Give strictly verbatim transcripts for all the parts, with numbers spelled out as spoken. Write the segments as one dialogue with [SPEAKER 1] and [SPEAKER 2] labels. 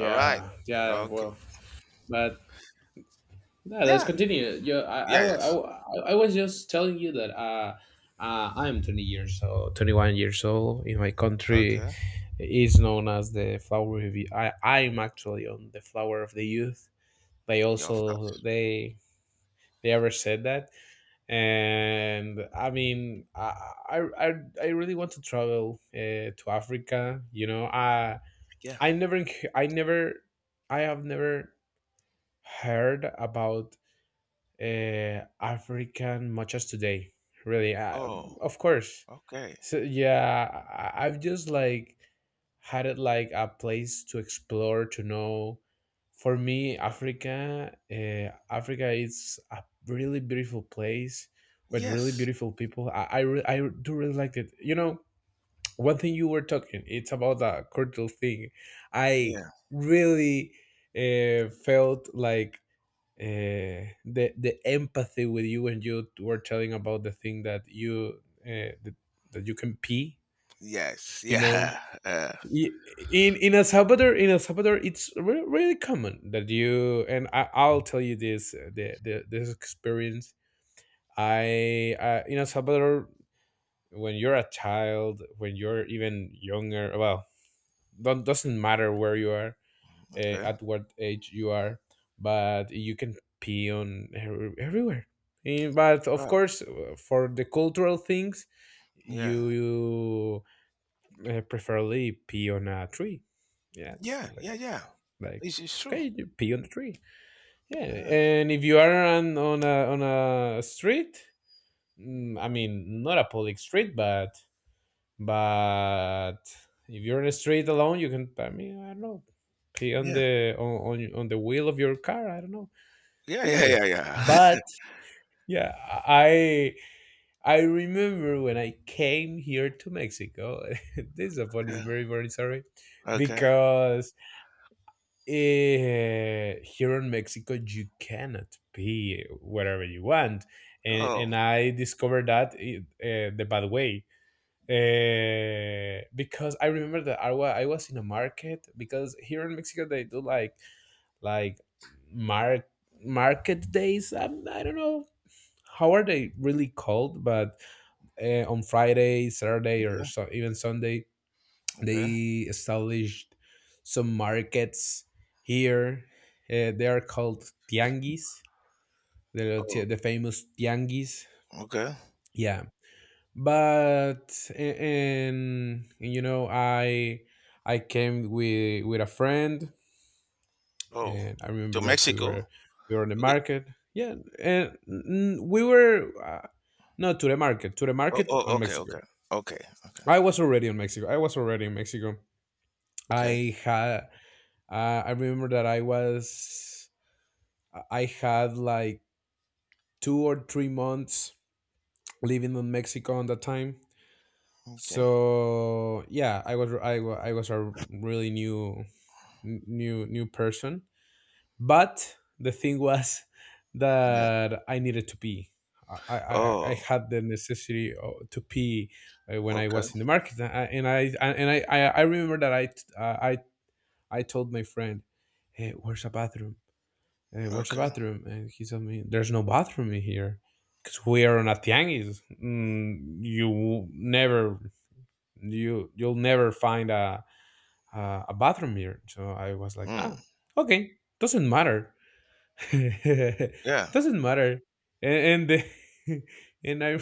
[SPEAKER 1] All right.
[SPEAKER 2] yeah.
[SPEAKER 1] Okay.
[SPEAKER 2] Well, but yeah, let's
[SPEAKER 1] Yeah.
[SPEAKER 2] continue. You, I, I,
[SPEAKER 1] Yeah.
[SPEAKER 2] wa- I,
[SPEAKER 1] Yes.
[SPEAKER 2] wa- I was just telling you that uh, uh, I'm twenty years old, twenty-one years old. In my country,
[SPEAKER 1] Okay.
[SPEAKER 2] is known as the flower of youth. I, I'm actually on the flower of the youth. They
[SPEAKER 1] Yeah. Of
[SPEAKER 2] also
[SPEAKER 1] course.
[SPEAKER 2] they they ever said that, and I mean, I, I, I I really want to travel uh, to Africa. You know, I,
[SPEAKER 1] Yeah.
[SPEAKER 2] I never, enc- I never, I have never heard about uh, African much as today. Really, uh,
[SPEAKER 1] Oh.
[SPEAKER 2] of course.
[SPEAKER 1] Okay.
[SPEAKER 2] So yeah, I- I've just like had it like a place to explore to know. For me,
[SPEAKER 1] Yeah.
[SPEAKER 2] Africa, uh, Africa is a really beautiful place with really
[SPEAKER 1] Yes.
[SPEAKER 2] beautiful people. I I, re- I do really like it. You know, one thing you were talking, it's about the cultural thing. I
[SPEAKER 1] Yeah.
[SPEAKER 2] really uh, felt like uh, the the empathy with you when you were telling about the thing that you uh, that, that you can pee.
[SPEAKER 1] Yes.
[SPEAKER 2] you know
[SPEAKER 1] Yeah. Uh,
[SPEAKER 2] Y- in in El Salvador, in el salvador it's re- really common that you, and I, i'll tell you this, uh, the, the this experience. I uh, In El Salvador, when you're a child, when you're even younger, well, don't, doesn't matter where you are, uh,
[SPEAKER 1] okay.
[SPEAKER 2] at what age you are, but you can pee on every- everywhere. Eh, But of
[SPEAKER 1] Wow.
[SPEAKER 2] course, uh, for the cultural things,
[SPEAKER 1] Yeah.
[SPEAKER 2] you, you uh, preferably pee on a tree. Yeah, it's
[SPEAKER 1] Yeah. Yeah.
[SPEAKER 2] like
[SPEAKER 1] Yeah.
[SPEAKER 2] like
[SPEAKER 1] It's, it's true.
[SPEAKER 2] okay, you pee on the tree. Yeah,
[SPEAKER 1] Yeah.
[SPEAKER 2] and if you are on on a on a street. mm, I mean, not a public street, but but if you're in the street alone, you can, I mean, I don't know, pee on
[SPEAKER 1] Yeah.
[SPEAKER 2] the on, on on the wheel of your car, I don't know,
[SPEAKER 1] Yeah.
[SPEAKER 2] things
[SPEAKER 1] Yeah.
[SPEAKER 2] like
[SPEAKER 1] Yeah.
[SPEAKER 2] that,
[SPEAKER 1] Yeah.
[SPEAKER 2] but yeah. I i remember when I came here to Mexico. This is a funny,
[SPEAKER 1] yeah.
[SPEAKER 2] very, very, sorry,
[SPEAKER 1] Okay.
[SPEAKER 2] because eh, here in Mexico you cannot pee wherever you want. and
[SPEAKER 1] Oh.
[SPEAKER 2] and I discovered that, eh, eh, the bad way, uh, because I remember that I, wa- I was in a market, because here in Mexico they do like, like mar- market days. I'm, I don't know how are they really called, but uh, on Friday, Saturday, or
[SPEAKER 1] Okay.
[SPEAKER 2] so, even Sunday,
[SPEAKER 1] Okay.
[SPEAKER 2] they established some markets here. Uh, they are called tianguis, the,
[SPEAKER 1] Oh.
[SPEAKER 2] the famous tianguis.
[SPEAKER 1] Okay.
[SPEAKER 2] Yeah, but a- and, you know i i came with with a friend.
[SPEAKER 1] Oh.
[SPEAKER 2] And I
[SPEAKER 1] To
[SPEAKER 2] remember that we
[SPEAKER 1] Mexico.
[SPEAKER 2] were we were on the
[SPEAKER 1] Okay.
[SPEAKER 2] market, yeah. And mm, we were, uh, not to the market, to the
[SPEAKER 1] Oh.
[SPEAKER 2] market
[SPEAKER 1] Oh.
[SPEAKER 2] on
[SPEAKER 1] Okay.
[SPEAKER 2] Mexico.
[SPEAKER 1] Okay. Okay. Okay.
[SPEAKER 2] i was already in mexico I was already in Mexico.
[SPEAKER 1] Okay.
[SPEAKER 2] I had uh, i remember that i was i had like two or three months living in Mexico on that time.
[SPEAKER 1] Okay.
[SPEAKER 2] So yeah, i was i, wa- I was a really new, new new person. But the thing was
[SPEAKER 1] Yeah.
[SPEAKER 2] that I needed to pee. I i, I I
[SPEAKER 1] Oh.
[SPEAKER 2] had the necessity o- to pee, uh, when I
[SPEAKER 1] Okay.
[SPEAKER 2] was in the market. And i and i and i, I I remember that i t- uh, i I told my friend, hey, where's a bathroom? Hey, where's a
[SPEAKER 1] Okay.
[SPEAKER 2] bathroom and he told me there's no bathroom in here, because we are on a tianguis. Mm, you never you you'll never find a a, a bathroom mirror. So I was like, ah,
[SPEAKER 1] Mm.
[SPEAKER 2] okay, doesn't matter.
[SPEAKER 1] Yeah.
[SPEAKER 2] Doesn't matter. And, and the- and i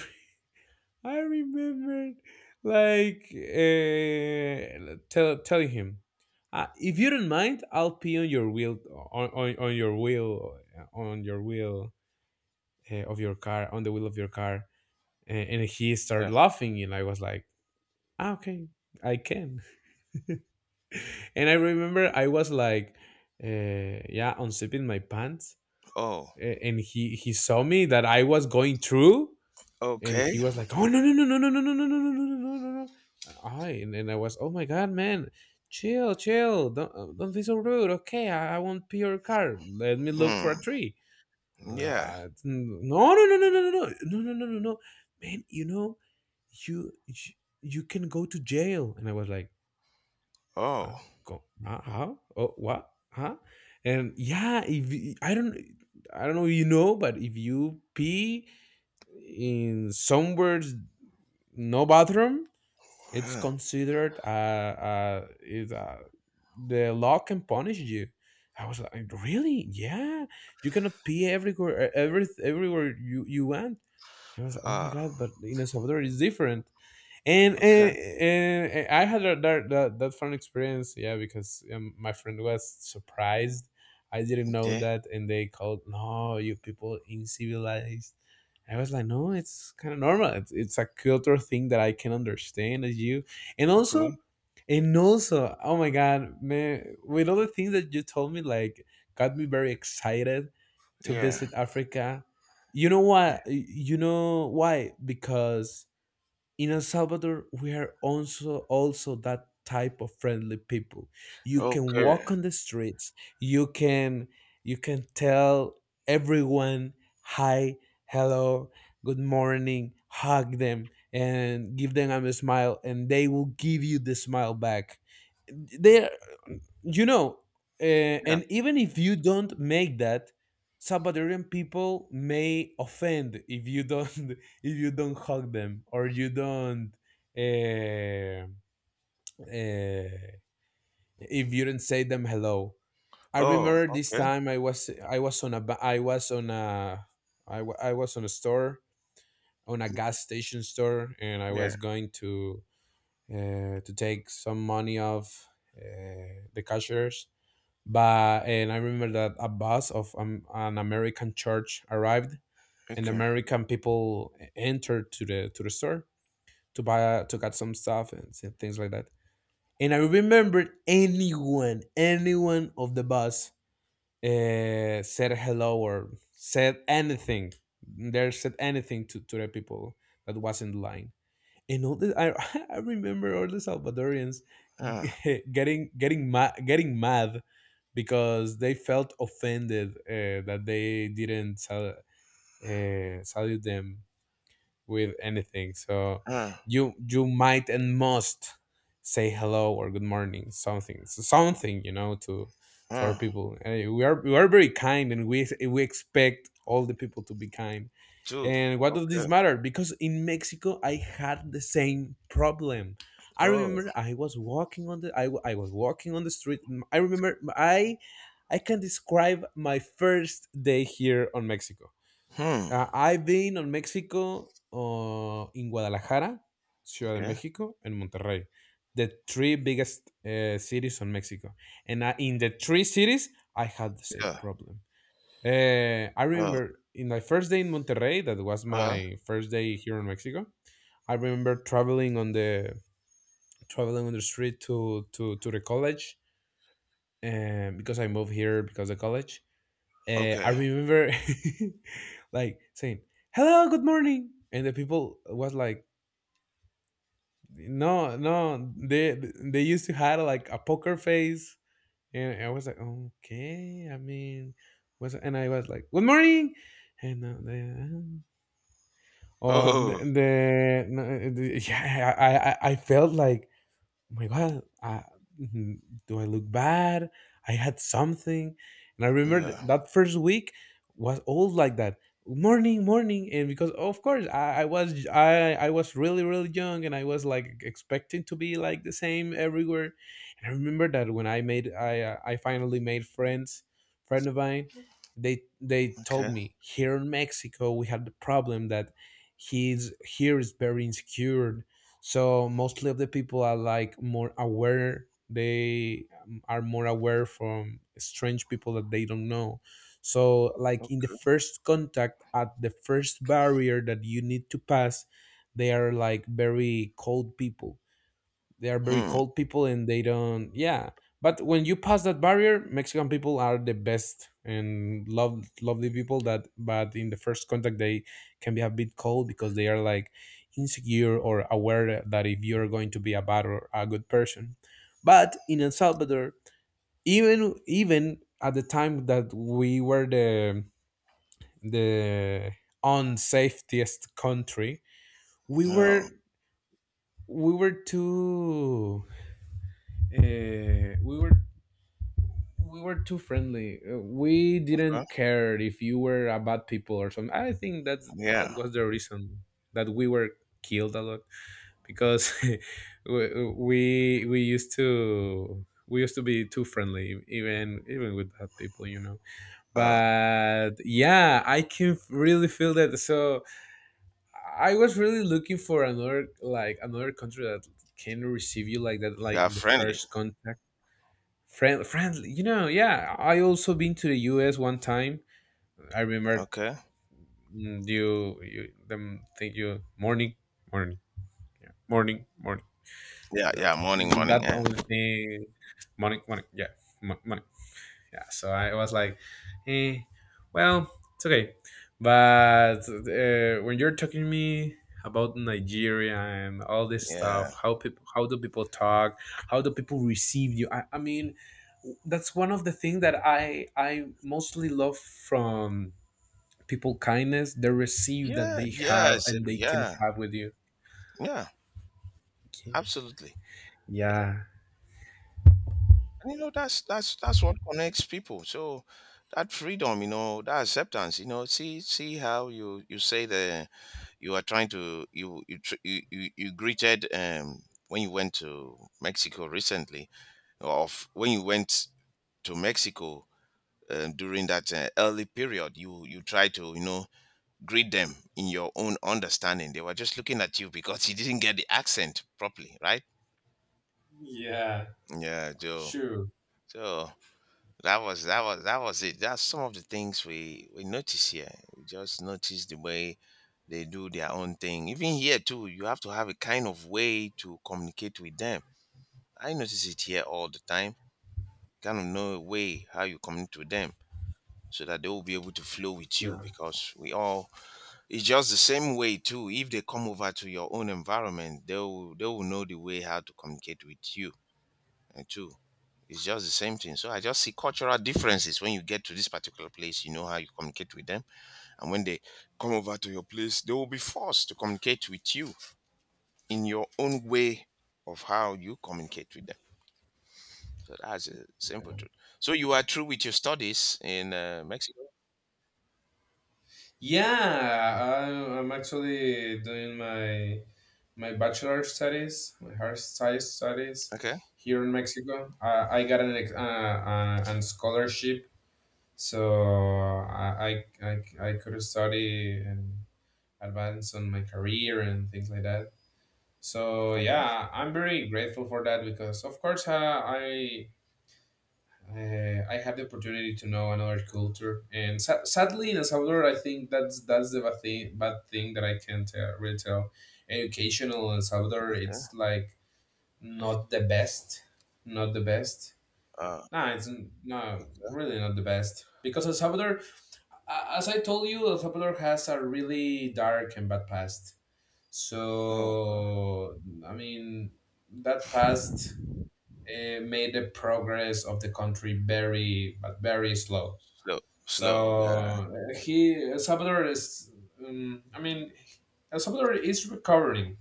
[SPEAKER 2] I remembered like, uh, tell, telling him, uh, if you don't mind, I'll pee on your wheel on, on, on your wheel on your wheel uh, of your car, on the wheel of your car. And, and he started
[SPEAKER 1] Yeah.
[SPEAKER 2] laughing, and I was like, ah, okay, I can. And I remember I was like, uh, yeah, unzipping my pants.
[SPEAKER 1] Oh.
[SPEAKER 2] A- and he he saw me that I was going through, and he
[SPEAKER 1] Okay.
[SPEAKER 2] was like, oh, no, no, no, no, no, no, no, no, no, no, no, no, no, no, no. I and, and I was, oh my god, man, chill, chill, don't uh, don't be so rude, okay, I, I won't pee your car, let me look for
[SPEAKER 1] Hmm.
[SPEAKER 2] a tree. Uh,
[SPEAKER 1] Yeah.
[SPEAKER 2] I- no, no, no, no, no, no, no, no, no, no, no, no, man, you know you you you can go to jail. And I was like, huh?
[SPEAKER 1] Oh.
[SPEAKER 2] Go, huh? How? Oh, what? Huh? And yeah, if y- I don't, I don't know, if you know, but if you pee in somewhere, no bathroom, it's
[SPEAKER 1] Huh.
[SPEAKER 2] considered, uh, uh, is uh, the law can punish you. I was like, really? Yeah, you cannot pee everywhere, every everywhere you you want. I was like, oh my
[SPEAKER 1] Ah.
[SPEAKER 2] god! But in El Salvador, it's different, and
[SPEAKER 1] Okay.
[SPEAKER 2] and, and I had that, that that that fun experience, yeah, because um, my friend was surprised. I didn't know
[SPEAKER 1] Yeah.
[SPEAKER 2] that, and they called, "No, you people incivilized." I was like, "No, it's kind of normal. It's, it's a cultural thing that I can understand as you." And also,
[SPEAKER 1] Okay.
[SPEAKER 2] and also, oh my god, man, with all the things that you told me, like, got me very excited to
[SPEAKER 1] Yeah.
[SPEAKER 2] visit Africa. You know why? You know why? Because in El Salvador, we are also also that type of friendly people. You can walk
[SPEAKER 1] Okay.
[SPEAKER 2] on the streets. You can you can tell everyone hi, hello, good morning, hug them, and give them a smile, and they will give you the smile back. They, you know, uh,
[SPEAKER 1] Yeah.
[SPEAKER 2] and even if you don't make that, Salvadorian people may offend if you don't if you don't hug them, or you don't, uh, uh, if you don't say them hello. I
[SPEAKER 1] Oh.
[SPEAKER 2] remember this
[SPEAKER 1] Okay.
[SPEAKER 2] time, I was I was on a ba- I was on a I, wa- I was on a store, on a gas station store, and I
[SPEAKER 1] Yeah.
[SPEAKER 2] was going to, uh, to take some money off, uh, the cashiers. But and I remember that a bus of, um, an American church arrived. And
[SPEAKER 1] Okay.
[SPEAKER 2] American people entered to the to the store, to buy, uh, to get some stuff, and s- things like that. And I remembered, anyone, anyone of the bus, uh, said hello or said anything. There said anything to, to the people that was in line. And all this, I, I remember all the Salvadorians
[SPEAKER 1] Ah.
[SPEAKER 2] getting getting mad getting mad because they felt offended, uh, that they didn't sal- uh, salute them with anything. So
[SPEAKER 1] Ah.
[SPEAKER 2] you you might and must say hello or good morning, something, so something, you know to to our
[SPEAKER 1] Ah.
[SPEAKER 2] people. Uh, we are we are very kind, and we we expect all the people to be kind.
[SPEAKER 1] Two.
[SPEAKER 2] And what does
[SPEAKER 1] Okay.
[SPEAKER 2] this matter? Because in Mexico, I had the same problem. I
[SPEAKER 1] Oh.
[SPEAKER 2] remember I was walking on the I, w- I was walking on the street. I remember I I can describe my first day here on Mexico.
[SPEAKER 1] Hmm.
[SPEAKER 2] Uh, I've been on Mexico, uh, in Guadalajara, Ciudad de
[SPEAKER 1] Okay.
[SPEAKER 2] Mexico, and Monterrey, the three biggest, uh, cities on Mexico. And I, in the three cities, I had the same
[SPEAKER 1] Yeah.
[SPEAKER 2] problem. Uh, I
[SPEAKER 1] Oh.
[SPEAKER 2] remember in my first day in Monterrey, that was
[SPEAKER 1] Ah.
[SPEAKER 2] my first day here in Mexico. I remember traveling on the traveling on the street to to to the college, um, because I moved here because of college. uh, I
[SPEAKER 1] Okay.
[SPEAKER 2] remember like saying, "Hello, good morning," and the people was like, "No, no." They they used to had like a poker face, and I was like, "Okay, I mean," was and I was like, "Good morning," and uh, they, uh, or the,
[SPEAKER 1] Oh.
[SPEAKER 2] the, no, the yeah, I, I I felt like, oh my god, I, mhm, do I look bad, I had something. And I remember th-
[SPEAKER 1] Yeah.
[SPEAKER 2] that first week was all like that. Morning, morning. And because of course, I, I was, i i was really, really young, and I was like expecting to be like the same everywhere. And I remember that when i made i uh, i finally made friends, friend of mine, they they told
[SPEAKER 1] Okay.
[SPEAKER 2] me here in Mexico we had the problem that, he's here is very insecure. So mostly of the people are like more aware, they, um, are more aware from strange people that they don't know. So like in the first contact, at the first barrier that you need to pass, they are like very cold people, they are very
[SPEAKER 1] Hmm.
[SPEAKER 2] cold people, and they don't yeah. But when you pass that barrier, Mexican people are the best, and love, lovely people that, but in the first contact they can be a bit cold because they are like insecure or aware that if you're going to be a bad or a good person. But in El Salvador, even even at the time that we were the the unsafest country, we
[SPEAKER 1] Oh.
[SPEAKER 2] were we were too uh, we were we were too friendly. Uh, We
[SPEAKER 1] Okay.
[SPEAKER 2] didn't care if you were a bad people or something. I think that's that
[SPEAKER 1] Yeah.
[SPEAKER 2] was the reason that we were killed a lot because we we we used to we used to be too friendly e, even even with bad people, you know.
[SPEAKER 1] Oh.
[SPEAKER 2] But yeah, I can f- really feel that. So I was really looking for another, like, another country that can receive you like that, like
[SPEAKER 1] Yeah.
[SPEAKER 2] in the
[SPEAKER 1] Friendly.
[SPEAKER 2] first contact. Friend, friendly. You know, yeah. I also been to the U S one time. I remember
[SPEAKER 1] Okay.
[SPEAKER 2] mm, you, you them think you morning, morning, yeah, morning, morning.
[SPEAKER 1] Yeah.
[SPEAKER 2] And, uh,
[SPEAKER 1] Yeah. Morning.
[SPEAKER 2] mm,
[SPEAKER 1] Morning.
[SPEAKER 2] that
[SPEAKER 1] Yeah.
[SPEAKER 2] only thing, morning, morning, yeah, morning. Yeah, so I was like, eh, well, it's okay. But uh, when you're talking to me about Nigeria and all this stuff,
[SPEAKER 1] Yeah.
[SPEAKER 2] how people, how do people talk? How do people receive you? I, I mean, that's one of the things that I I mostly love from people: kindness, the receive that
[SPEAKER 1] Yeah.
[SPEAKER 2] they have
[SPEAKER 1] Yes.
[SPEAKER 2] and they can
[SPEAKER 1] Yeah.
[SPEAKER 2] have with you.
[SPEAKER 1] Yeah.
[SPEAKER 2] Okay.
[SPEAKER 1] Absolutely.
[SPEAKER 2] Yeah.
[SPEAKER 1] And, you know, that's that's that's what connects people. So that freedom, you know, that acceptance, you know, see see how you you say the you are trying to you you tr- you, you, you greeted um when you went to Mexico recently of when you went to Mexico, um, during that uh, early period, you you try to, you know, greet them in your own understanding. They were just looking at you because you didn't get the accent properly, right?
[SPEAKER 2] Yeah,
[SPEAKER 1] Yeah, Joe.
[SPEAKER 2] sure.
[SPEAKER 1] So that was that was that was it. That's some of the things we we notice here. We just notice the way they do their own thing. Even here too, you have to have a kind of way to communicate with them. I notice it here all the time. Kind of know a way how you communicate with them so that they will be able to flow with
[SPEAKER 2] Yeah.
[SPEAKER 1] you because we all, it's just the same way too. If they come over to your own environment, they will they will know the way how to communicate with you and too. It's just the same thing. So I just see cultural differences. When you get to this particular place, you know how you communicate with them. And when they come over to your place, they will be forced to communicate with you in your own way of how you communicate with them. So that's a simple truth. So you are through with your studies in uh, Mexico.
[SPEAKER 2] Yeah, I, I'm actually doing my my bachelor studies, my hair science studies
[SPEAKER 1] Okay.
[SPEAKER 2] here in Mexico. Uh, I got an ex- uh, uh, an scholarship, so I, I, I, I could study and advance on my career and things like that. So
[SPEAKER 1] Okay.
[SPEAKER 2] yeah, I'm very grateful for that because of course uh, I uh, I had the opportunity to know another culture, and sa- sadly, in El Salvador, I think that's that's the bad thing, bad thing that I can't uh, really tell. Educational in El Salvador,
[SPEAKER 1] Okay.
[SPEAKER 2] it's like not the best, not the best.
[SPEAKER 1] Uh,
[SPEAKER 2] No, it's n- no, really not the best because El Salvador, a- as I told you, El Salvador has a really dark and bad past.
[SPEAKER 1] oh, okay.
[SPEAKER 2] So I mean, that past uh, made the progress of the country very, but very slow,
[SPEAKER 1] Slow. Slow.
[SPEAKER 2] so
[SPEAKER 1] Yeah.
[SPEAKER 2] uh, he El Salvador is, um, I mean, El Salvador is recovering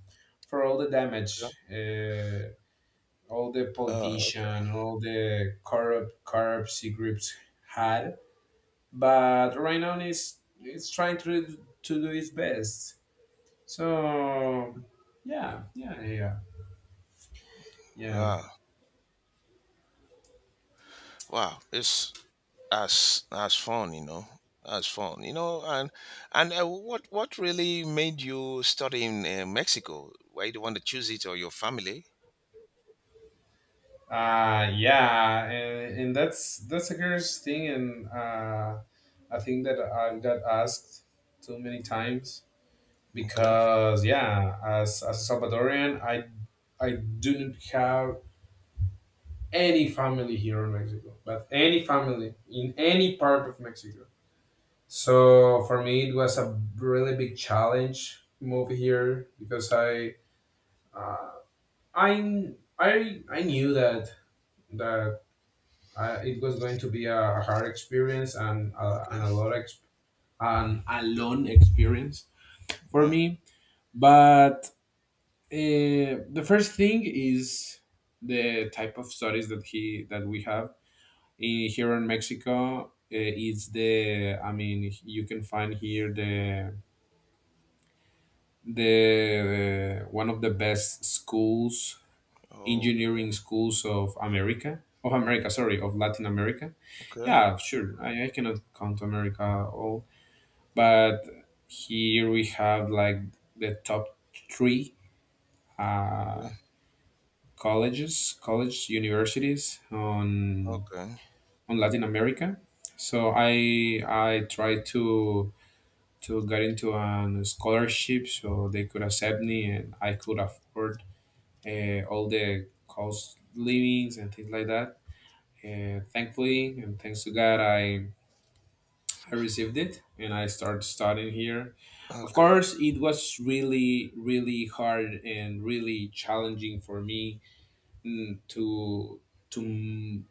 [SPEAKER 2] for all the
[SPEAKER 1] Okay.
[SPEAKER 2] damage, uh, all the
[SPEAKER 1] Oh, okay.
[SPEAKER 2] politician, all the corrupt corruption groups had. But right now, is it's trying to to do its best. So yeah, yeah, yeah, yeah.
[SPEAKER 1] Wow. Wow. It's as as fun, you know, as fun, you know, and and uh, what what really made you study in uh, Mexico? Why do you want to choose it, or your family?
[SPEAKER 2] Uh, yeah, and, and that's that's a curious thing, and uh, I think that I got asked too many times
[SPEAKER 1] Okay.
[SPEAKER 2] because yeah, as as a Salvadorian, I I did not have any family here in Mexico, but any family in any part of Mexico. So for me, it was a really big challenge move here because I I I I knew that that uh, it was going to be a hard experience and uh, and a
[SPEAKER 1] Okay.
[SPEAKER 2] lot of exp- and a long experience for
[SPEAKER 1] Yeah.
[SPEAKER 2] me. But uh, the first thing is the type of studies that he that we have in, here in Mexico. Uh, is the, I mean, you can find here the the uh, one of the best schools,
[SPEAKER 1] Oh,
[SPEAKER 2] engineering schools of America of America sorry of Latin America.
[SPEAKER 1] okay.
[SPEAKER 2] Yeah, sure. I, I cannot count America all, but here we have like the top three
[SPEAKER 1] Okay.
[SPEAKER 2] uh, colleges, college universities on
[SPEAKER 1] Okay.
[SPEAKER 2] on Latin America. So I I tried to to get into a scholarship so they could accept me and I could afford uh, all the cost livings and things like that. And thankfully and thanks to God, I I received it and I started studying here. Of
[SPEAKER 1] Okay.
[SPEAKER 2] course, it was really, really hard and really challenging for me, mm, to to m-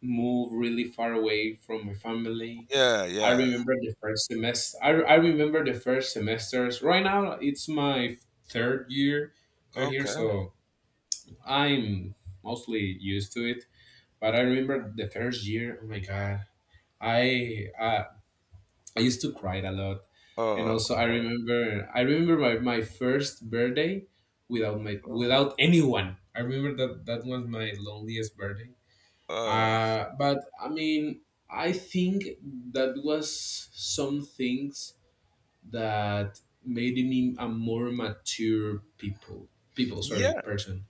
[SPEAKER 2] move really far away from my family.
[SPEAKER 1] Yeah.
[SPEAKER 2] I
[SPEAKER 1] Yeah.
[SPEAKER 2] remember the first semester. I, I remember the first semesters. Right now, it's my third year we're here,
[SPEAKER 1] Okay.
[SPEAKER 2] so I'm mostly used to it. But I remember the first year. Oh my god! I I, I used to cry a lot. And
[SPEAKER 1] Oh,
[SPEAKER 2] also I
[SPEAKER 1] oh,
[SPEAKER 2] remember I remember my, my first birthday without my,
[SPEAKER 1] oh.
[SPEAKER 2] without anyone. I remember that that was my loneliest birthday.
[SPEAKER 1] Uh,
[SPEAKER 2] Uh, but I mean, I think that was some things that made me a more mature people people sorry
[SPEAKER 1] yeah.
[SPEAKER 2] person.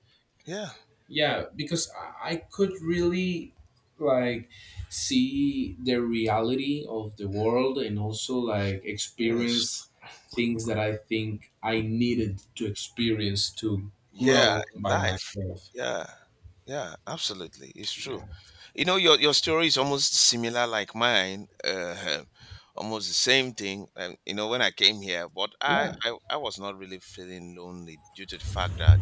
[SPEAKER 1] Yeah.
[SPEAKER 2] Yeah, because I, I could really, like, see the reality of the world and also, like,
[SPEAKER 1] Yes.
[SPEAKER 2] experience things that I think I needed to experience to
[SPEAKER 1] Yeah
[SPEAKER 2] grow
[SPEAKER 1] in
[SPEAKER 2] by
[SPEAKER 1] life.
[SPEAKER 2] myself.
[SPEAKER 1] Yeah. Yeah, absolutely, it's true.
[SPEAKER 2] Yeah.
[SPEAKER 1] You know, your your story is almost similar like mine. Uh, almost the same thing. And you know, when I came here, but I,
[SPEAKER 2] Yeah.
[SPEAKER 1] I I was not really feeling lonely due to the fact that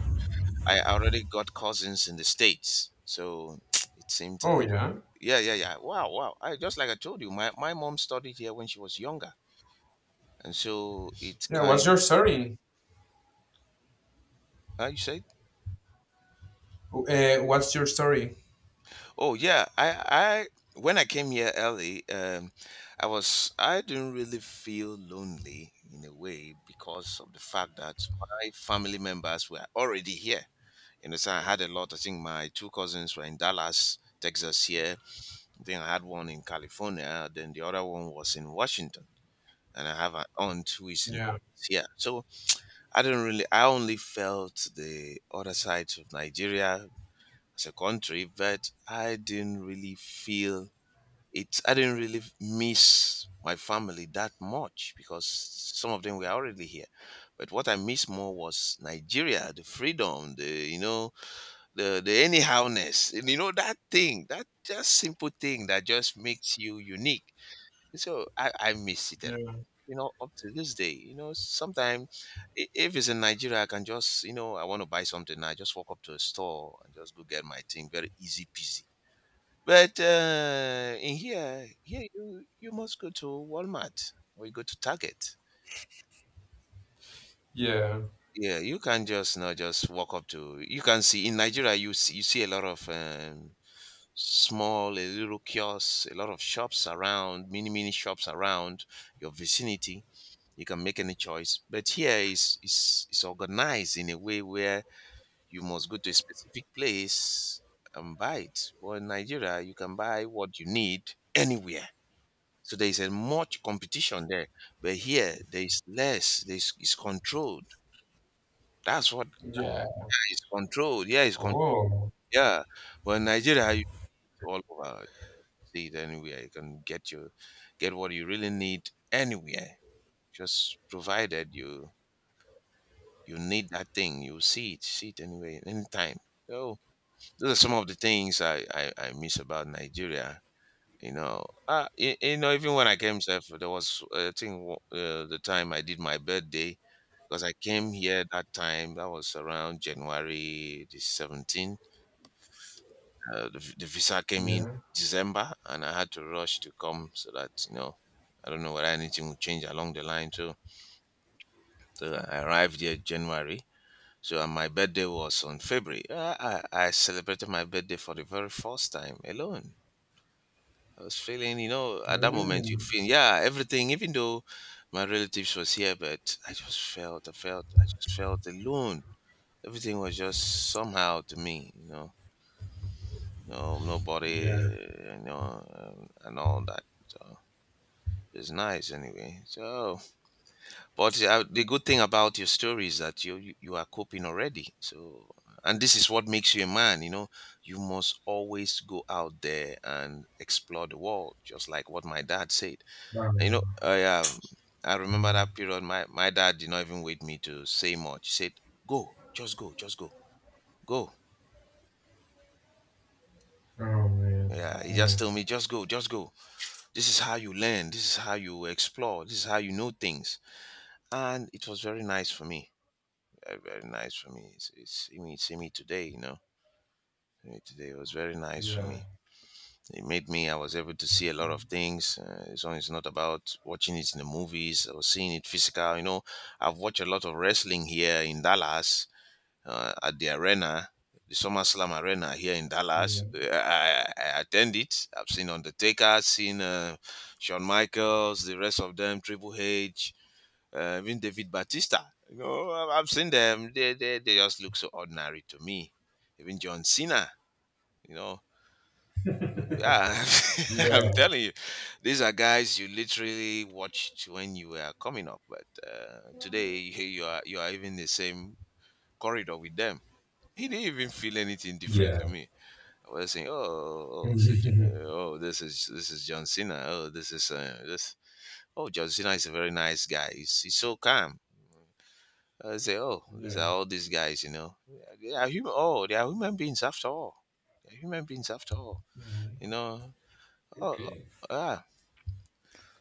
[SPEAKER 1] I already got cousins in the States. So it seemed a
[SPEAKER 2] Oh,
[SPEAKER 1] little.
[SPEAKER 2] yeah.
[SPEAKER 1] Yeah, yeah, yeah. Wow, wow. I just like I told you, my my mom studied here when she was younger, and so it
[SPEAKER 2] Yeah.
[SPEAKER 1] kind
[SPEAKER 2] What's
[SPEAKER 1] of.
[SPEAKER 2] your story?
[SPEAKER 1] Uh, you said.
[SPEAKER 2] Uh, what's your story?
[SPEAKER 1] Oh yeah, I I when I came here early, um, I was I didn't really feel lonely in a way because of the fact that my family members were already here. You know, so I had a lot. I think my two cousins were in Dallas, Texas here. Then I had one in California. Then the other one was in Washington, and I have an aunt who is in
[SPEAKER 2] Yeah.
[SPEAKER 1] Dallas here. So I didn't really. I only felt the other sides of Nigeria as a country, but I didn't really feel it. I didn't really miss my family that much because some of them were already here. But what I missed more was Nigeria, the freedom, the, you know, the the anyhowness, and you know that thing, that just simple thing that just makes you unique. So I, I miss it. a-
[SPEAKER 2] Yeah.
[SPEAKER 1] You know, up to this day, you know, sometimes if it's in Nigeria, I can just, you know, I want to buy something. I just walk up to a store and just go get my thing. Very easy peasy, but uh, in here, here you you must go to Walmart or you go to Target.
[SPEAKER 2] Yeah.
[SPEAKER 1] Yeah, you can just not just walk up to. You can see in Nigeria, you see, you see a lot of um, small, a little kiosks, a lot of shops around, mini mini shops around your vicinity. You can make any choice, but here is is is organized in a way where you must go to a specific place and buy it. But in Nigeria, you can buy what you need anywhere. So there is a much competition there, but here there is less. There is it's controlled. That's what is
[SPEAKER 2] Yeah.
[SPEAKER 1] controlled. Yeah, it's con-
[SPEAKER 2] Oh.
[SPEAKER 1] yeah. Well, Nigeria, you all over, you see it anywhere. You can get your get what you really need anywhere. Just provided you you need that thing, you see it, see it anywhere, anytime. So those are some of the things I I, I miss about Nigeria. You know, uh, you, you know, even when I came here there was uh, I think wo- uh, the time I did my birthday, because I came here that time, that was around January the seventeenth. uh, the, v- the visa came in
[SPEAKER 2] Yeah.
[SPEAKER 1] December and I had to rush to come so that, you know, I don't know whether anything would change along the line too. So I arrived here January, so and my birthday was on February. Uh, i, I celebrated my birthday for the very first time alone. I was feeling, you know, at that moment you
[SPEAKER 2] Mm.
[SPEAKER 1] feel, yeah, everything, even though my relatives was here, but I just felt, I felt, I just felt alone. Everything was just somehow to me, you know, no, nobody,
[SPEAKER 2] Yeah.
[SPEAKER 1] you know, um, and all that. So it's nice anyway. So, but uh, the good thing about your story is that you, you you are coping already. So, and this is what makes you a man, you know. You must always go out there and explore the world, just like what my dad said. And you know,
[SPEAKER 2] Oh,
[SPEAKER 1] I, um, I remember
[SPEAKER 2] yeah.
[SPEAKER 1] that period. My my dad did not even wait me to say much. He said, "Go, just go, just go, go."
[SPEAKER 2] Oh, man.
[SPEAKER 1] Yeah, he just
[SPEAKER 2] Yeah.
[SPEAKER 1] told me, "Just go, just go. This is how you learn. This is how you explore. This is how you know things." And it was very nice for me. Very, very nice for me. It's, it's see me, see me today. You know, see me today it was very nice for
[SPEAKER 2] Yeah.
[SPEAKER 1] me. It made me. I was able to see a lot of things. Uh, it's, only it's not about watching it in the movies or seeing it physical. You know, I've watched a lot of wrestling here in Dallas uh, at the arena, the SummerSlam arena here in Dallas.
[SPEAKER 2] Yeah.
[SPEAKER 1] Uh, I, I I attend it. I've seen Undertaker, seen uh, Shawn Michaels, the rest of them, Triple H, uh, even David Batista. You know, I- I've seen them. They, they they just look so ordinary to me. Even John Cena. You know, yeah, I'm
[SPEAKER 2] Yeah.
[SPEAKER 1] telling you, these are guys you literally watched when you were coming up, but uh, today you you are you are even in the same corridor with them. He didn't even feel anything different to
[SPEAKER 2] Yeah.
[SPEAKER 1] me. I was saying, "Oh, oh, oh, so, J- oh, this is this is John Cena. Oh, this is uh, this. Oh, John Cena is a very nice guy. He's he's so calm." I say, "Oh, these are
[SPEAKER 2] yeah.
[SPEAKER 1] all these guys, you know. They are human. Oh, they are human beings after all. They are human beings after all,
[SPEAKER 2] Mhm.
[SPEAKER 1] you know. Oh, oh,
[SPEAKER 2] Okay.
[SPEAKER 1] ah."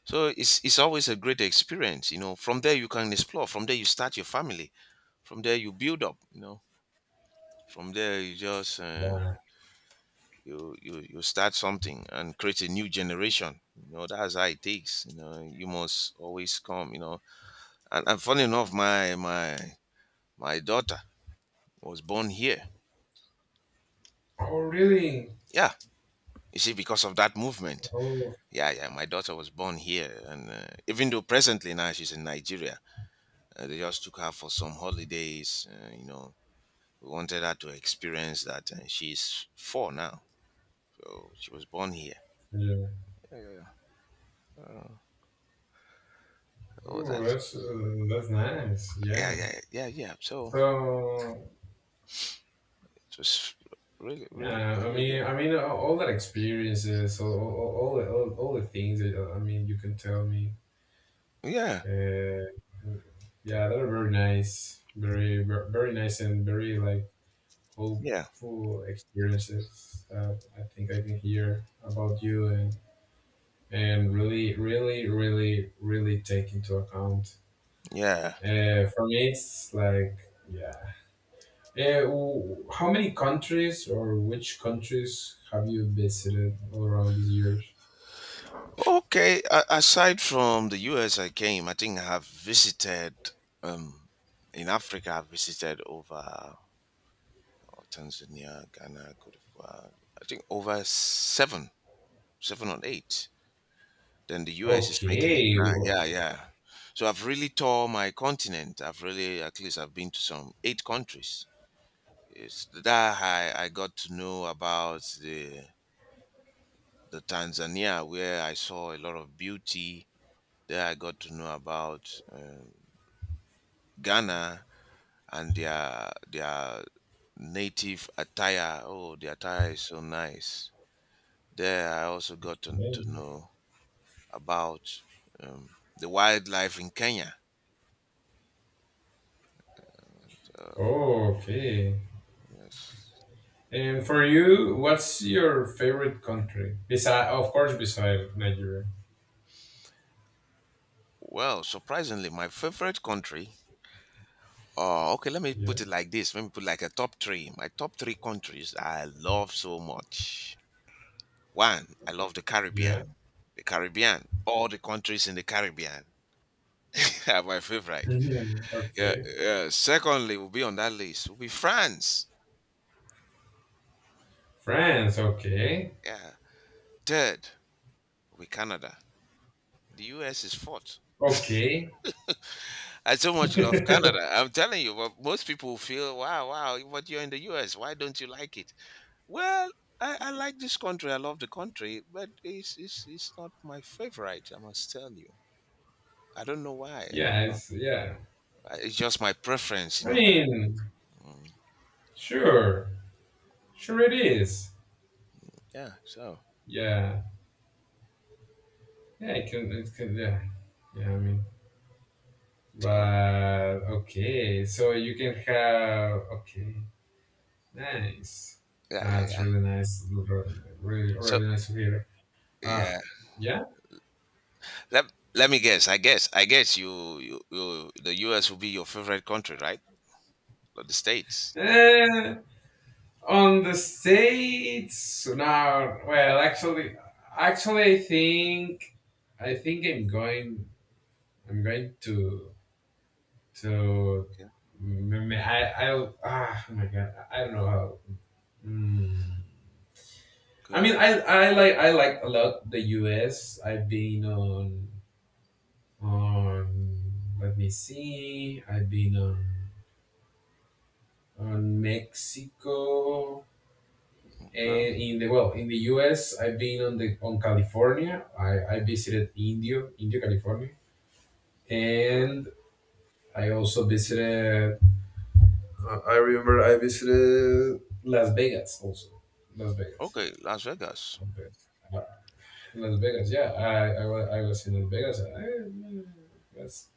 [SPEAKER 1] So it's it's always a great experience, you know. From there you can explore. From there you start your family. From there you build up, you know. From there you just. Uh,
[SPEAKER 2] Yeah.
[SPEAKER 1] you you you start something and create a new generation, you know. That's how it takes, you know. You must always come, you know. and, and funny enough, my my my daughter was born here.
[SPEAKER 2] Oh, really?
[SPEAKER 1] Yeah, you see, because of that movement.
[SPEAKER 2] Oh,
[SPEAKER 1] Yeah, yeah, my daughter was born here, and uh, even though presently now she's in Nigeria, uh, they just took her for some holidays, uh, you know, we wanted her to experience that, and she's four now. So she was born here.
[SPEAKER 2] yeah.
[SPEAKER 1] Yeah, yeah, yeah. Uh, oh,
[SPEAKER 2] Oh,
[SPEAKER 1] that.
[SPEAKER 2] that's uh, that's nice.
[SPEAKER 1] Yeah,
[SPEAKER 2] Yeah.
[SPEAKER 1] yeah, yeah, yeah. So
[SPEAKER 2] So,
[SPEAKER 1] just really, really,
[SPEAKER 2] yeah. I
[SPEAKER 1] really good.
[SPEAKER 2] mean, I mean, all, all that experiences, all all, all, the, all all the things that uh, I mean, you can tell me.
[SPEAKER 1] Yeah,
[SPEAKER 2] Uh, yeah, that are very nice, very ver- very nice and very, like,
[SPEAKER 1] yeah,
[SPEAKER 2] hopeful experiences that I think I can hear about you and and really, really, really, really take into account.
[SPEAKER 1] yeah.
[SPEAKER 2] Uh, for me, it's like, yeah. Uh, w- how many countries or which countries have you visited all around these years?
[SPEAKER 1] Okay. a- Aside from the U S, I came. I think I have visited. Um, in Africa, I've visited over, oh, Tanzania, Ghana, Cote d'Ivoire. I think over seven, seven or eight. Then the U S is making it
[SPEAKER 2] Okay.
[SPEAKER 1] nine. Yeah,
[SPEAKER 2] o-
[SPEAKER 1] yeah. So I've really toured my continent. I've really, at least, I've been to some eight countries. It's that I, I got to know about the the Tanzania, where I saw a lot of beauty. There, I got to know about um, Ghana and their their native attire. Oh, the attire is so nice. There, I also got to, to
[SPEAKER 2] okay.
[SPEAKER 1] know about um, the wildlife in Kenya. Uh,
[SPEAKER 2] Oh, okay.
[SPEAKER 1] yes.
[SPEAKER 2] And for you, what's your favorite country? Beside, of course, beside Nigeria.
[SPEAKER 1] Well, surprisingly, my favorite country. Oh, okay. Let me
[SPEAKER 2] Yeah.
[SPEAKER 1] put it like this. Let me put like a top three. My top three countries I love so much. One, I love the
[SPEAKER 2] Yeah.
[SPEAKER 1] Caribbean. The Caribbean, all the countries in the Caribbean are my favorite.
[SPEAKER 2] Mhm.
[SPEAKER 1] Yeah,
[SPEAKER 2] Okay.
[SPEAKER 1] yeah. Secondly, will be on that list will be France.
[SPEAKER 2] France. Okay.
[SPEAKER 1] Yeah. Third will be Canada. The U S is fourth.
[SPEAKER 2] Okay.
[SPEAKER 1] I so much love Canada. I'm telling you, but most people feel, wow, wow, but you're in the U S. Why don't you like it? Well, I, I like this country. I love the country, but it's, it's it's not my favorite. I must tell you. I don't know why. I
[SPEAKER 2] Yeah.
[SPEAKER 1] don't know.
[SPEAKER 2] It's, yeah.
[SPEAKER 1] I- It's just my preference, you
[SPEAKER 2] I
[SPEAKER 1] know.
[SPEAKER 2] mean,
[SPEAKER 1] Mm.
[SPEAKER 2] sure, sure it is.
[SPEAKER 1] Yeah. So.
[SPEAKER 2] Yeah, yeah, it can, it can, yeah, yeah. I mean,
[SPEAKER 1] So.
[SPEAKER 2] but okay, so you can have, okay, nice.
[SPEAKER 1] Yeah. Yeah.
[SPEAKER 2] That's
[SPEAKER 1] Yeah.
[SPEAKER 2] really nice, really, really
[SPEAKER 1] So.
[SPEAKER 2] really nice to hear. Uh,
[SPEAKER 1] Yeah.
[SPEAKER 2] yeah.
[SPEAKER 1] Let Let me guess. I guess. I guess you. You. you the U S will be your favorite country, right? Or the states.
[SPEAKER 2] Eh, on the states now. Well, actually, actually, I think, I think I'm going, I'm going to so
[SPEAKER 1] Yeah.
[SPEAKER 2] mm, I I ah, oh my god, I I don't know how. Mm. I
[SPEAKER 1] Okay.
[SPEAKER 2] mean, I I like I like a lot the U S. I've been on on let me see. I've been on on Mexico,
[SPEAKER 1] Okay.
[SPEAKER 2] and in the, well, in the U S. I've been on the on California. I I visited Indio Indio California,
[SPEAKER 1] Okay.
[SPEAKER 2] and I also visited Uh, I remember I visited Las Vegas also. Las Vegas.
[SPEAKER 1] Okay. Las Vegas.
[SPEAKER 2] Las Vegas. Uh, Las Vegas, yeah. I, I, wa- I was in Las Vegas. I, it was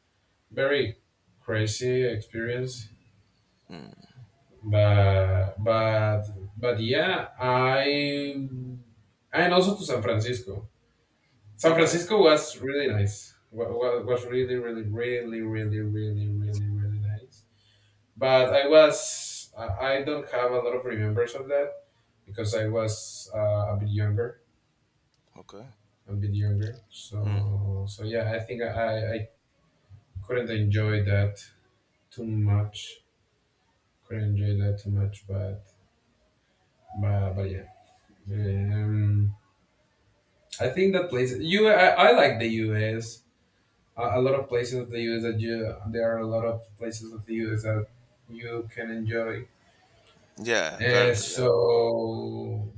[SPEAKER 2] very crazy experience.
[SPEAKER 1] Hmm.
[SPEAKER 2] But, but, but yeah, I, and also to San Francisco. San
[SPEAKER 1] Okay.
[SPEAKER 2] Francisco was really nice. Was, was really, really, really, really, really, really, really nice. But I was, I I don't have a lot of remembers of that because I was uh, a bit younger,
[SPEAKER 1] Okay.
[SPEAKER 2] a bit younger.
[SPEAKER 1] Hmm.
[SPEAKER 2] So so yeah, I think I I couldn't enjoy that too much. Couldn't enjoy that too much, but but, but yeah. Um, I think that places you, I, I like the U S Lot of places of the U S that you, there are a lot of places of the U S that you can enjoy.
[SPEAKER 1] Yeah. Very.
[SPEAKER 2] Uh,
[SPEAKER 1] Yeah.
[SPEAKER 2] so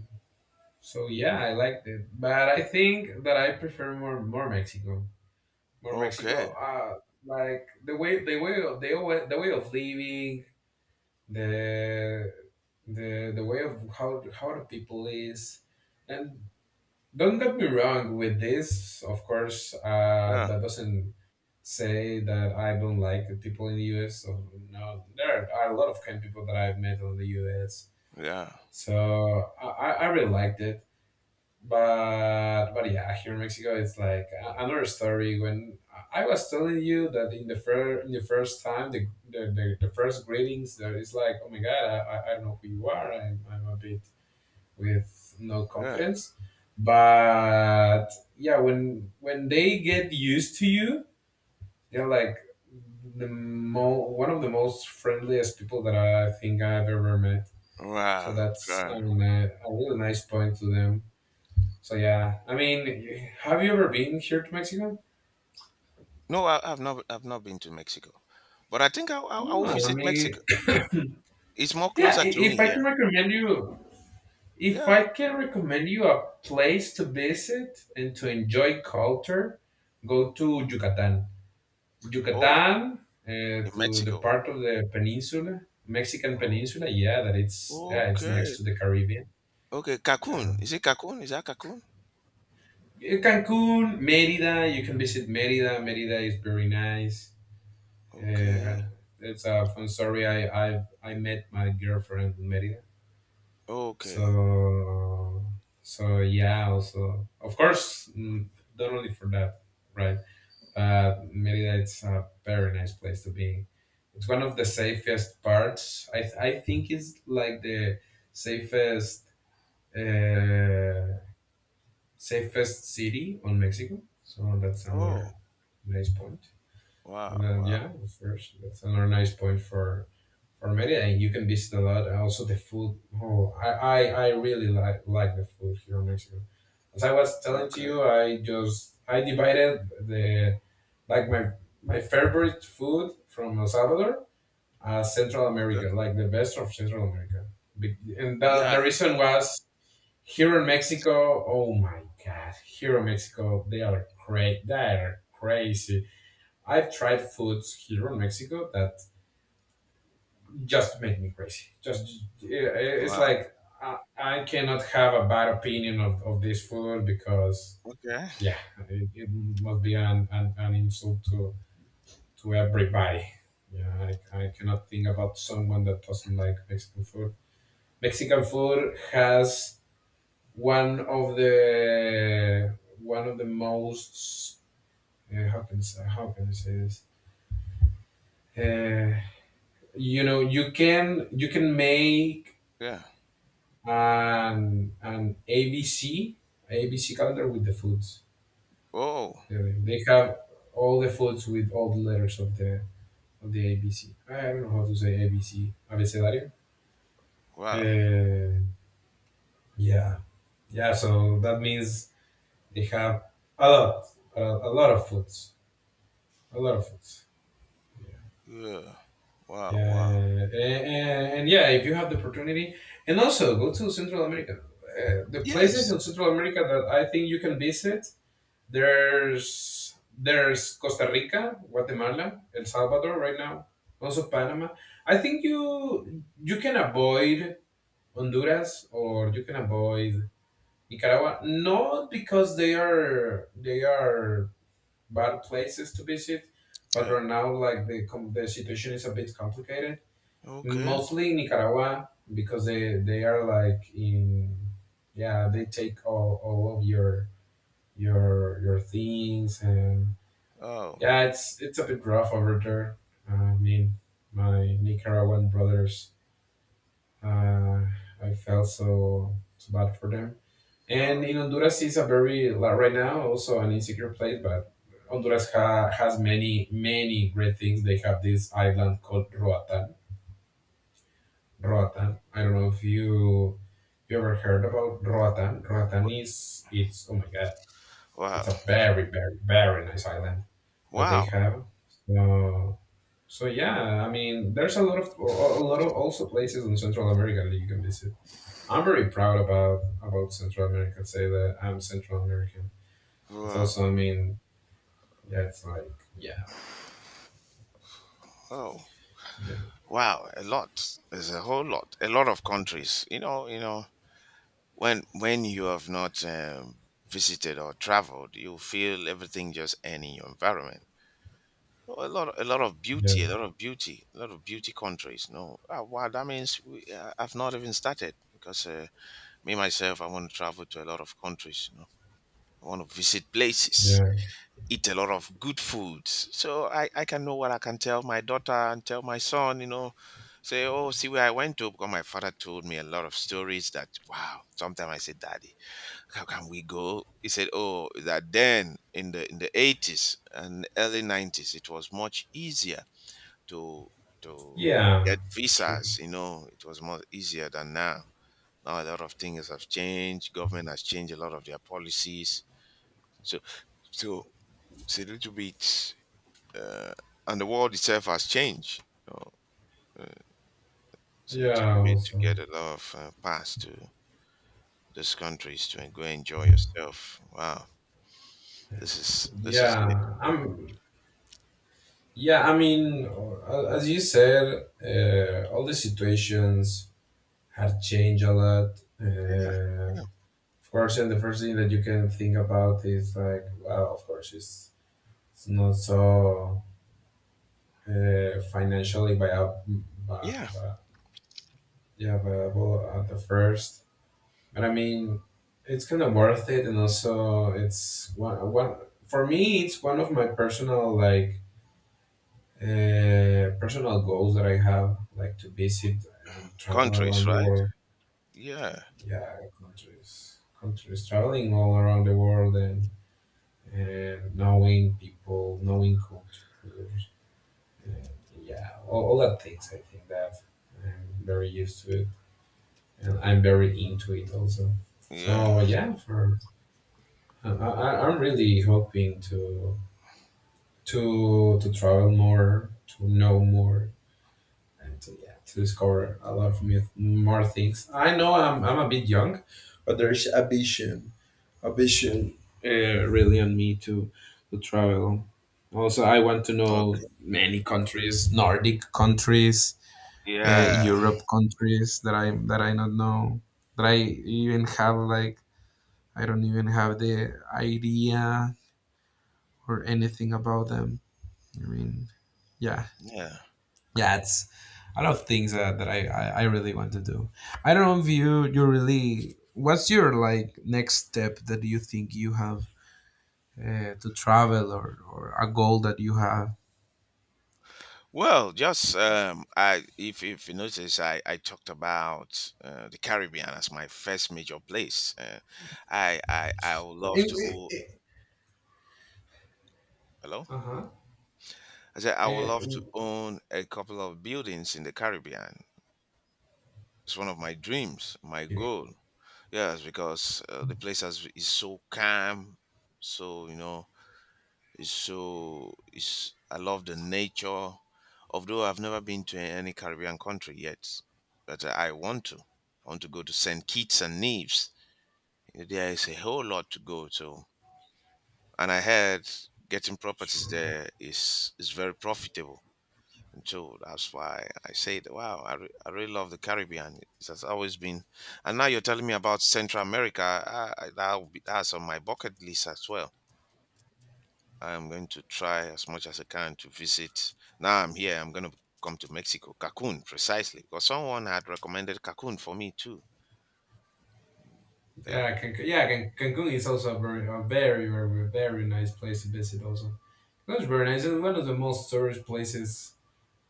[SPEAKER 2] So yeah, I liked it, but I think that I prefer more, more Mexico, more
[SPEAKER 1] Okay.
[SPEAKER 2] Mexico. Uh, like the way, the way of the way, the way of living, the the the way of how how the people is, and don't get me wrong with this. Of course, uh,
[SPEAKER 1] Yeah.
[SPEAKER 2] that doesn't say that I don't like the people in the U S. So, no, there are a lot of kind people that I've met in the U S.
[SPEAKER 1] Yeah.
[SPEAKER 2] So I I I really liked it, but but yeah, here in Mexico, it's like a- another story. When I I was telling you that in the first in the first time, the, the, the, the first greetings, there is like, oh my god, I, I I don't know who you are. I'm I'm a bit with no
[SPEAKER 1] Yeah.
[SPEAKER 2] confidence, but yeah, when when they get used to you, they're like the mo- one of the most friendliest people that I think I've ever met. So
[SPEAKER 1] Wow.
[SPEAKER 2] that's, I
[SPEAKER 1] Sure.
[SPEAKER 2] don't know, a really nice point to them. So yeah, I mean, have you ever been here to Mexico?
[SPEAKER 1] No, I, I've not. I've not been to Mexico, but I think I, I, I will
[SPEAKER 2] No, I
[SPEAKER 1] visit
[SPEAKER 2] mean,
[SPEAKER 1] Mexico. It's more
[SPEAKER 2] yeah.
[SPEAKER 1] closer
[SPEAKER 2] i-
[SPEAKER 1] to me
[SPEAKER 2] If I can
[SPEAKER 1] here.
[SPEAKER 2] recommend you, if
[SPEAKER 1] Yeah.
[SPEAKER 2] I can recommend you a place to visit and to enjoy culture, go to Yucatan.
[SPEAKER 1] Oh,
[SPEAKER 2] Yucatan, uh,
[SPEAKER 1] in
[SPEAKER 2] to the
[SPEAKER 1] Mexico.
[SPEAKER 2] part of the peninsula, Mexican peninsula. Yeah, that it's,
[SPEAKER 1] Oh,
[SPEAKER 2] yeah, it's next
[SPEAKER 1] okay.
[SPEAKER 2] to the Caribbean.
[SPEAKER 1] Okay,
[SPEAKER 2] Yeah,
[SPEAKER 1] Cancun. Is it Cancun? Is that Cancun?
[SPEAKER 2] Cancun, Merida. You can visit Merida. Merida is very nice.
[SPEAKER 1] Okay.
[SPEAKER 2] Uh, it's a fun story. I I I met my girlfriend in Merida.
[SPEAKER 1] Okay.
[SPEAKER 2] So so yeah. Also, of course, mm, not only for that, right? But Merida, it's a very nice place to be. It's one of the safest parts. I th- I think it's like the safest uh, safest city on Mexico. So that's
[SPEAKER 1] Oh,
[SPEAKER 2] another nice point.
[SPEAKER 1] wow,
[SPEAKER 2] And then,
[SPEAKER 1] wow.
[SPEAKER 2] yeah, of course, that's another nice point for, or maybe, and you can visit a lot. And also the food. Oh, I I, I really like like the food here in Mexico. As I was telling to
[SPEAKER 1] Okay,
[SPEAKER 2] you, I just I divided the, like, my my favorite food from El Salvador as Central
[SPEAKER 1] okay.
[SPEAKER 2] America, like the best of Central America. Be- And the, the
[SPEAKER 1] Yeah.
[SPEAKER 2] reason was here in Mexico. Oh my God, here in Mexico they are cra- they are crazy. I've tried foods here in Mexico that just make me crazy. Just eh, it's
[SPEAKER 1] Wow.
[SPEAKER 2] like I, I cannot have a bad opinion of, of this food because
[SPEAKER 1] Okay.
[SPEAKER 2] yeah, it, it must be an, an, an insult to to everybody. Yeah, I, I cannot think about someone that doesn't like Mexican food. Mexican food has one of the one of the most uh, how can I say, how can I say this? Uh, you know, you can you can make
[SPEAKER 1] Yeah.
[SPEAKER 2] and an A B C A B C calendar with the foods.
[SPEAKER 1] Oh,
[SPEAKER 2] Uh, They have all the foods with all the letters of the of the A B C. I don't know how to say A B C abecedario.
[SPEAKER 1] wow.
[SPEAKER 2] Uh, yeah, yeah. So that means they have a lot, a, a lot of foods, a lot of foods.
[SPEAKER 1] Yeah. Wow,
[SPEAKER 2] Yeah,
[SPEAKER 1] wow.
[SPEAKER 2] and, and, and yeah, if you have the opportunity, and also go to Central America. Uh, the places
[SPEAKER 1] Yes.
[SPEAKER 2] in Central America that I think you can visit. There's there's Costa Rica, Guatemala, El Salvador right now, also Panama. I think you you can avoid Honduras, or you can avoid Nicaragua, not because they are they are bad places to visit, but
[SPEAKER 1] Yeah.
[SPEAKER 2] right now like the com- the situation is a bit complicated.
[SPEAKER 1] Okay.
[SPEAKER 2] Mostly Nicaragua because they they are like in, yeah, they take all, all of your your your things, and
[SPEAKER 1] Oh.
[SPEAKER 2] yeah, it's it's a bit rough over there. I mean, my Nicaraguan brothers, uh, I felt so so bad for them.
[SPEAKER 1] Oh.
[SPEAKER 2] And in Honduras is a very like, right now also an insecure place, but Honduras ha, has many many great things. They have this island called Roatan. Roatan. I don't know if you you ever heard about Roatan. Roatan
[SPEAKER 1] but-
[SPEAKER 2] is, it's, oh my god, it's
[SPEAKER 1] Wow.
[SPEAKER 2] a very very very nice island that they
[SPEAKER 1] Wow.
[SPEAKER 2] have. So, So yeah, I mean, there's a lot of a lot of also places in Central America that you can visit. I'm very proud about about Central America. Say that I'm Central American. It's
[SPEAKER 1] Wow.
[SPEAKER 2] also, I mean, yeah, it's like yeah,
[SPEAKER 1] Oh.
[SPEAKER 2] yeah,
[SPEAKER 1] Wow. A lot. There's a whole lot. A lot of countries. You know, you know, when when you have not um, visited or traveled, you feel everything just any your environment. Oh, a lot, a lot of beauty, a
[SPEAKER 2] yeah,
[SPEAKER 1] lot of beauty, a lot of beauty countries. No, ah, wow, that means we, uh, I've not even started because uh, me myself, I want to travel to a lot of countries. You know, I want to visit places,
[SPEAKER 2] yeah,
[SPEAKER 1] eat a lot of good foods, so I, I can know what I can tell my daughter and tell my son. You know, say, oh, see where I went to because my father told me a lot of stories that wow. Sometimes I say, Daddy, how can we go? He said, oh, that then in the in the eighties and early nineties, it was much easier to to
[SPEAKER 2] yeah,
[SPEAKER 1] get
[SPEAKER 2] sure,
[SPEAKER 1] visas. You know, it was more easier than now. Now a lot of things have changed. Government has changed a lot of their policies. So so it's a little bit, uh, and the world itself has changed. So, uh, so it's a
[SPEAKER 2] yeah,
[SPEAKER 1] little bit to
[SPEAKER 2] also,
[SPEAKER 1] get a lot of uh, pass to those countries to go enjoy yourself. Wow, this is this is it.
[SPEAKER 2] yeah. I'm Yeah. I mean, uh, as you said, uh, all the situations had changed a lot.
[SPEAKER 1] Yeah,
[SPEAKER 2] Uh,
[SPEAKER 1] yeah,
[SPEAKER 2] Of course, and the first thing that you can think about is like, well, of course, it's, it's not so uh, financially viable,
[SPEAKER 1] yeah.
[SPEAKER 2] yeah, viable at the first. But I mean, it's kind of worth it, and also it's one, one for me. It's one of my personal like uh, personal goals that I have, like to visit and travel
[SPEAKER 1] Countries,
[SPEAKER 2] around the
[SPEAKER 1] right?
[SPEAKER 2] world.
[SPEAKER 1] Yeah,
[SPEAKER 2] Yeah, countries, countries traveling all around the world, and and knowing people, knowing cultures, and yeah, all, all that things. I think that I'm very used to it, and I'm very into it also.
[SPEAKER 1] yeah.
[SPEAKER 2] So yeah, for I, I- I'm really hoping to to to travel more, to know more, and to yeah, to discover a lot of new- more things. I know I'm I'm a bit young, but there's ambition ambition uh, really on me to to travel. Also, I want to know
[SPEAKER 1] Okay.
[SPEAKER 2] many countries, Nordic countries, uh,
[SPEAKER 1] Yeah,
[SPEAKER 2] Europe countries that I that I not know, that I even have like, I don't even have the idea or anything about them. I mean, yeah,
[SPEAKER 1] yeah.
[SPEAKER 2] yeah, it's a lot of things that, that I, I I really want to do. I don't know if you you really, what's your like next step that you think you have uh, to travel, or, or a goal that you have?
[SPEAKER 1] Well, just um, I if if you notice, I I talked about uh, the Caribbean as my first major place. Uh, I I I would love to.
[SPEAKER 2] It-
[SPEAKER 1] Oh,
[SPEAKER 2] it-
[SPEAKER 1] hello.
[SPEAKER 2] uh-huh.
[SPEAKER 1] I said I would
[SPEAKER 2] Eh,
[SPEAKER 1] love to
[SPEAKER 2] w-
[SPEAKER 1] own a couple of buildings in the Caribbean. It's one of my dreams, my
[SPEAKER 2] eh,
[SPEAKER 1] goal. Yes, because uh, the place has, is so calm, so you know it's so it's I love the nature. Although I've never been to any Caribbean country yet, but I want to. I want to go to Saint Kitts and Nevis. There is a whole lot to go to, and I heard getting properties
[SPEAKER 2] sure.
[SPEAKER 1] there is is very profitable. And so that's why I said, wow, I, re- I really love the Caribbean. It has always been. And now you're telling me about Central America. I, I, that'll be, that's on my bucket list as well. I'm going to try as much as I can to visit. Now I'm here, I'm going to come to Mexico, Cancun, precisely, because someone had recommended Cancun for me too. So,
[SPEAKER 2] Yeah, Cancun, yeah, Can- Cancun is also a very, a very, very, very nice place to visit. Also, that's very nice and one of the most tourist places.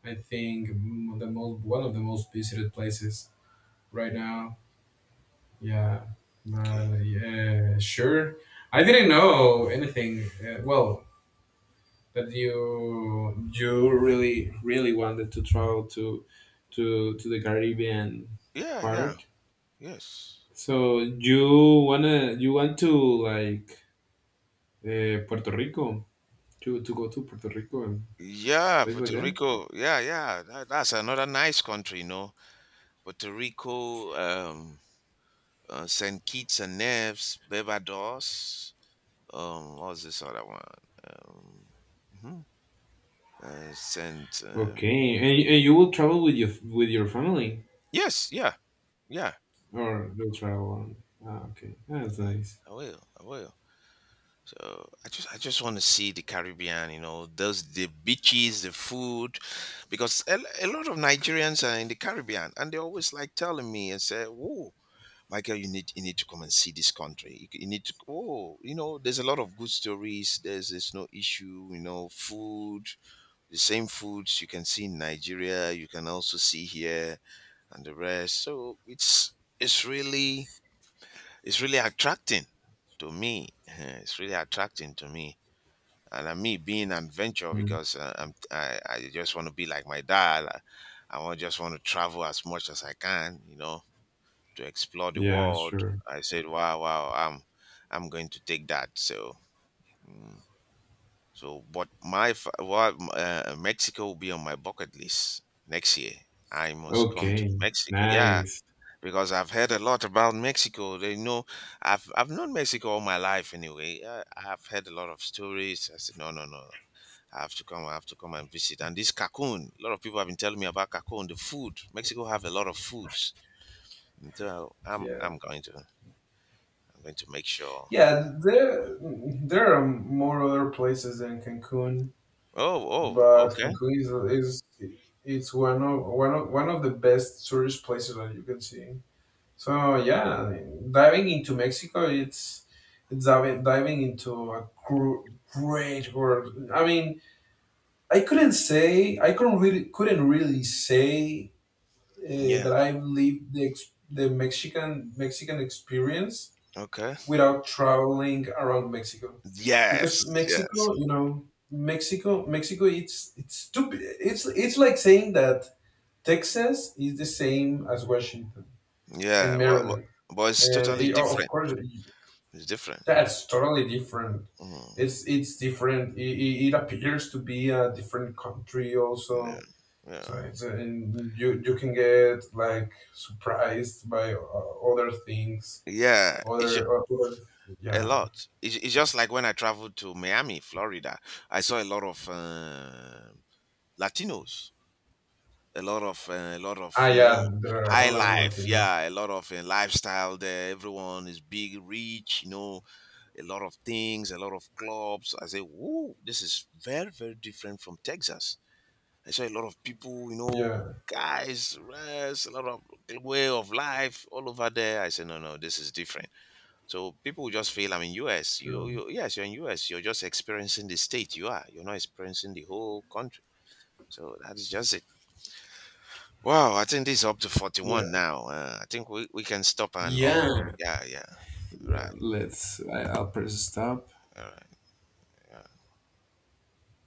[SPEAKER 2] I think m- the most one of the most visited places right now. Yeah,
[SPEAKER 1] okay.
[SPEAKER 2] but yeah, sure. I didn't know anything. Uh, well, that you you really really wanted to travel to to to the Caribbean
[SPEAKER 1] Yeah, yeah,
[SPEAKER 2] part.
[SPEAKER 1] yes.
[SPEAKER 2] So you wanna you want to like, uh, Puerto Rico, to to go to Puerto Rico and
[SPEAKER 1] Yeah,
[SPEAKER 2] place like
[SPEAKER 1] Puerto
[SPEAKER 2] that.
[SPEAKER 1] Rico. Yeah, yeah. That, that's another nice country, you know. Puerto Rico, um, uh, Saint Kitts and Nevis, Barbados. Um, what was this other one? Um, mhm, uh, Saint. Um,
[SPEAKER 2] Okay, and, and you will travel with your with your family,
[SPEAKER 1] yes, yeah, yeah.
[SPEAKER 2] or you'll travel on. Ah, okay, ah, that's nice.
[SPEAKER 1] I will. I will. So I just I just want to see the Caribbean, you know, those the beaches, the food, because a, a lot of Nigerians are in the Caribbean, and they always like telling me and say, "Oh, Michael, you need you need to come and see this country. You, c- you need to oh, you know, there's a lot of good stories. There's there's no issue, you know, food, the same foods you can see in Nigeria, you can also see here and the rest. So it's it's really it's really attracting to me. It's really attracting to me and uh, me being an adventure
[SPEAKER 2] Mm.
[SPEAKER 1] because uh, I'm, I, I just want to be like my dad. I, I want just want to travel as much as I can, you know, to explore the
[SPEAKER 2] Yeah,
[SPEAKER 1] world.
[SPEAKER 2] sure.
[SPEAKER 1] I said, wow, wow, I'm I'm going to take that. So, mm, so but my fa- what uh, Mexico will be on my bucket list next year. I must come to
[SPEAKER 2] Okay,
[SPEAKER 1] Mexico. Yeah,
[SPEAKER 2] nice.
[SPEAKER 1] because I've heard a lot about Mexico. They know I've I've known Mexico all my life anyway. I, I've heard a lot of stories. I said no, no, no, no. I have to come. I have to come and visit. And this Cancun, a lot of people have been telling me about Cancun. The food, Mexico have a lot of foods. And so I'm
[SPEAKER 2] Yeah.
[SPEAKER 1] I'm going to I'm going to make sure.
[SPEAKER 2] Yeah, there there are more other places than Cancun,
[SPEAKER 1] Oh, oh,
[SPEAKER 2] but
[SPEAKER 1] okay,
[SPEAKER 2] Cancun is is it's one of one of one of the best tourist places that you can see. So yeah, I mean, diving into Mexico, it's it's diving, diving into a gr- great world. I mean, I couldn't say I couldn't really couldn't really say uh,
[SPEAKER 1] yeah,
[SPEAKER 2] that I've lived the ex- the Mexican Mexican experience
[SPEAKER 1] okay,
[SPEAKER 2] without traveling around Mexico,
[SPEAKER 1] yes,
[SPEAKER 2] because
[SPEAKER 1] yes,
[SPEAKER 2] Mexico, you know, Mexico, Mexico, it's it's stupid. It's it's like saying that Texas is the same as Washington
[SPEAKER 1] yeah.
[SPEAKER 2] and
[SPEAKER 1] Well, well
[SPEAKER 2] Maryland,
[SPEAKER 1] but it's
[SPEAKER 2] and
[SPEAKER 1] totally
[SPEAKER 2] it- oh, of
[SPEAKER 1] different.
[SPEAKER 2] course
[SPEAKER 1] It's different.
[SPEAKER 2] that's totally different.
[SPEAKER 1] Mm,
[SPEAKER 2] It's it's different. It, it, it appears to be a different country
[SPEAKER 1] yeah,
[SPEAKER 2] also.
[SPEAKER 1] yeah,
[SPEAKER 2] So it's, and you you can get like surprised by uh, other things,
[SPEAKER 1] yeah. It's
[SPEAKER 2] other, other
[SPEAKER 1] a
[SPEAKER 2] yeah.
[SPEAKER 1] lot. It's, it's just like when I traveled to Miami, Florida. I saw a lot of uh, Latinos, a lot of uh, a lot of
[SPEAKER 2] Ah,
[SPEAKER 1] you
[SPEAKER 2] yeah,
[SPEAKER 1] know
[SPEAKER 2] there are
[SPEAKER 1] high
[SPEAKER 2] a lot of
[SPEAKER 1] life.
[SPEAKER 2] Latino.
[SPEAKER 1] Yeah, a lot of uh, lifestyle there. Everyone is big, rich. You know, a lot of things, a lot of clubs. I say, "Woo, this is very very different from Texas." I saw a lot of people. You know.
[SPEAKER 2] Yeah,
[SPEAKER 1] Guys, rest, a lot of way of life all over there. I say no, no, this is different. So people will just feel I'm in U S. You,
[SPEAKER 2] true.
[SPEAKER 1] you yes, you're in U S. You're just experiencing the state you are. You're not experiencing the whole country. So that is just it. Wow, I think this is up to
[SPEAKER 2] Yeah,
[SPEAKER 1] forty-one now. Uh, I think we, we can stop and upload.
[SPEAKER 2] yeah,
[SPEAKER 1] Yeah, yeah.
[SPEAKER 2] yeah.
[SPEAKER 1] Right.
[SPEAKER 2] Let's. I, I'll press stop.
[SPEAKER 1] All right.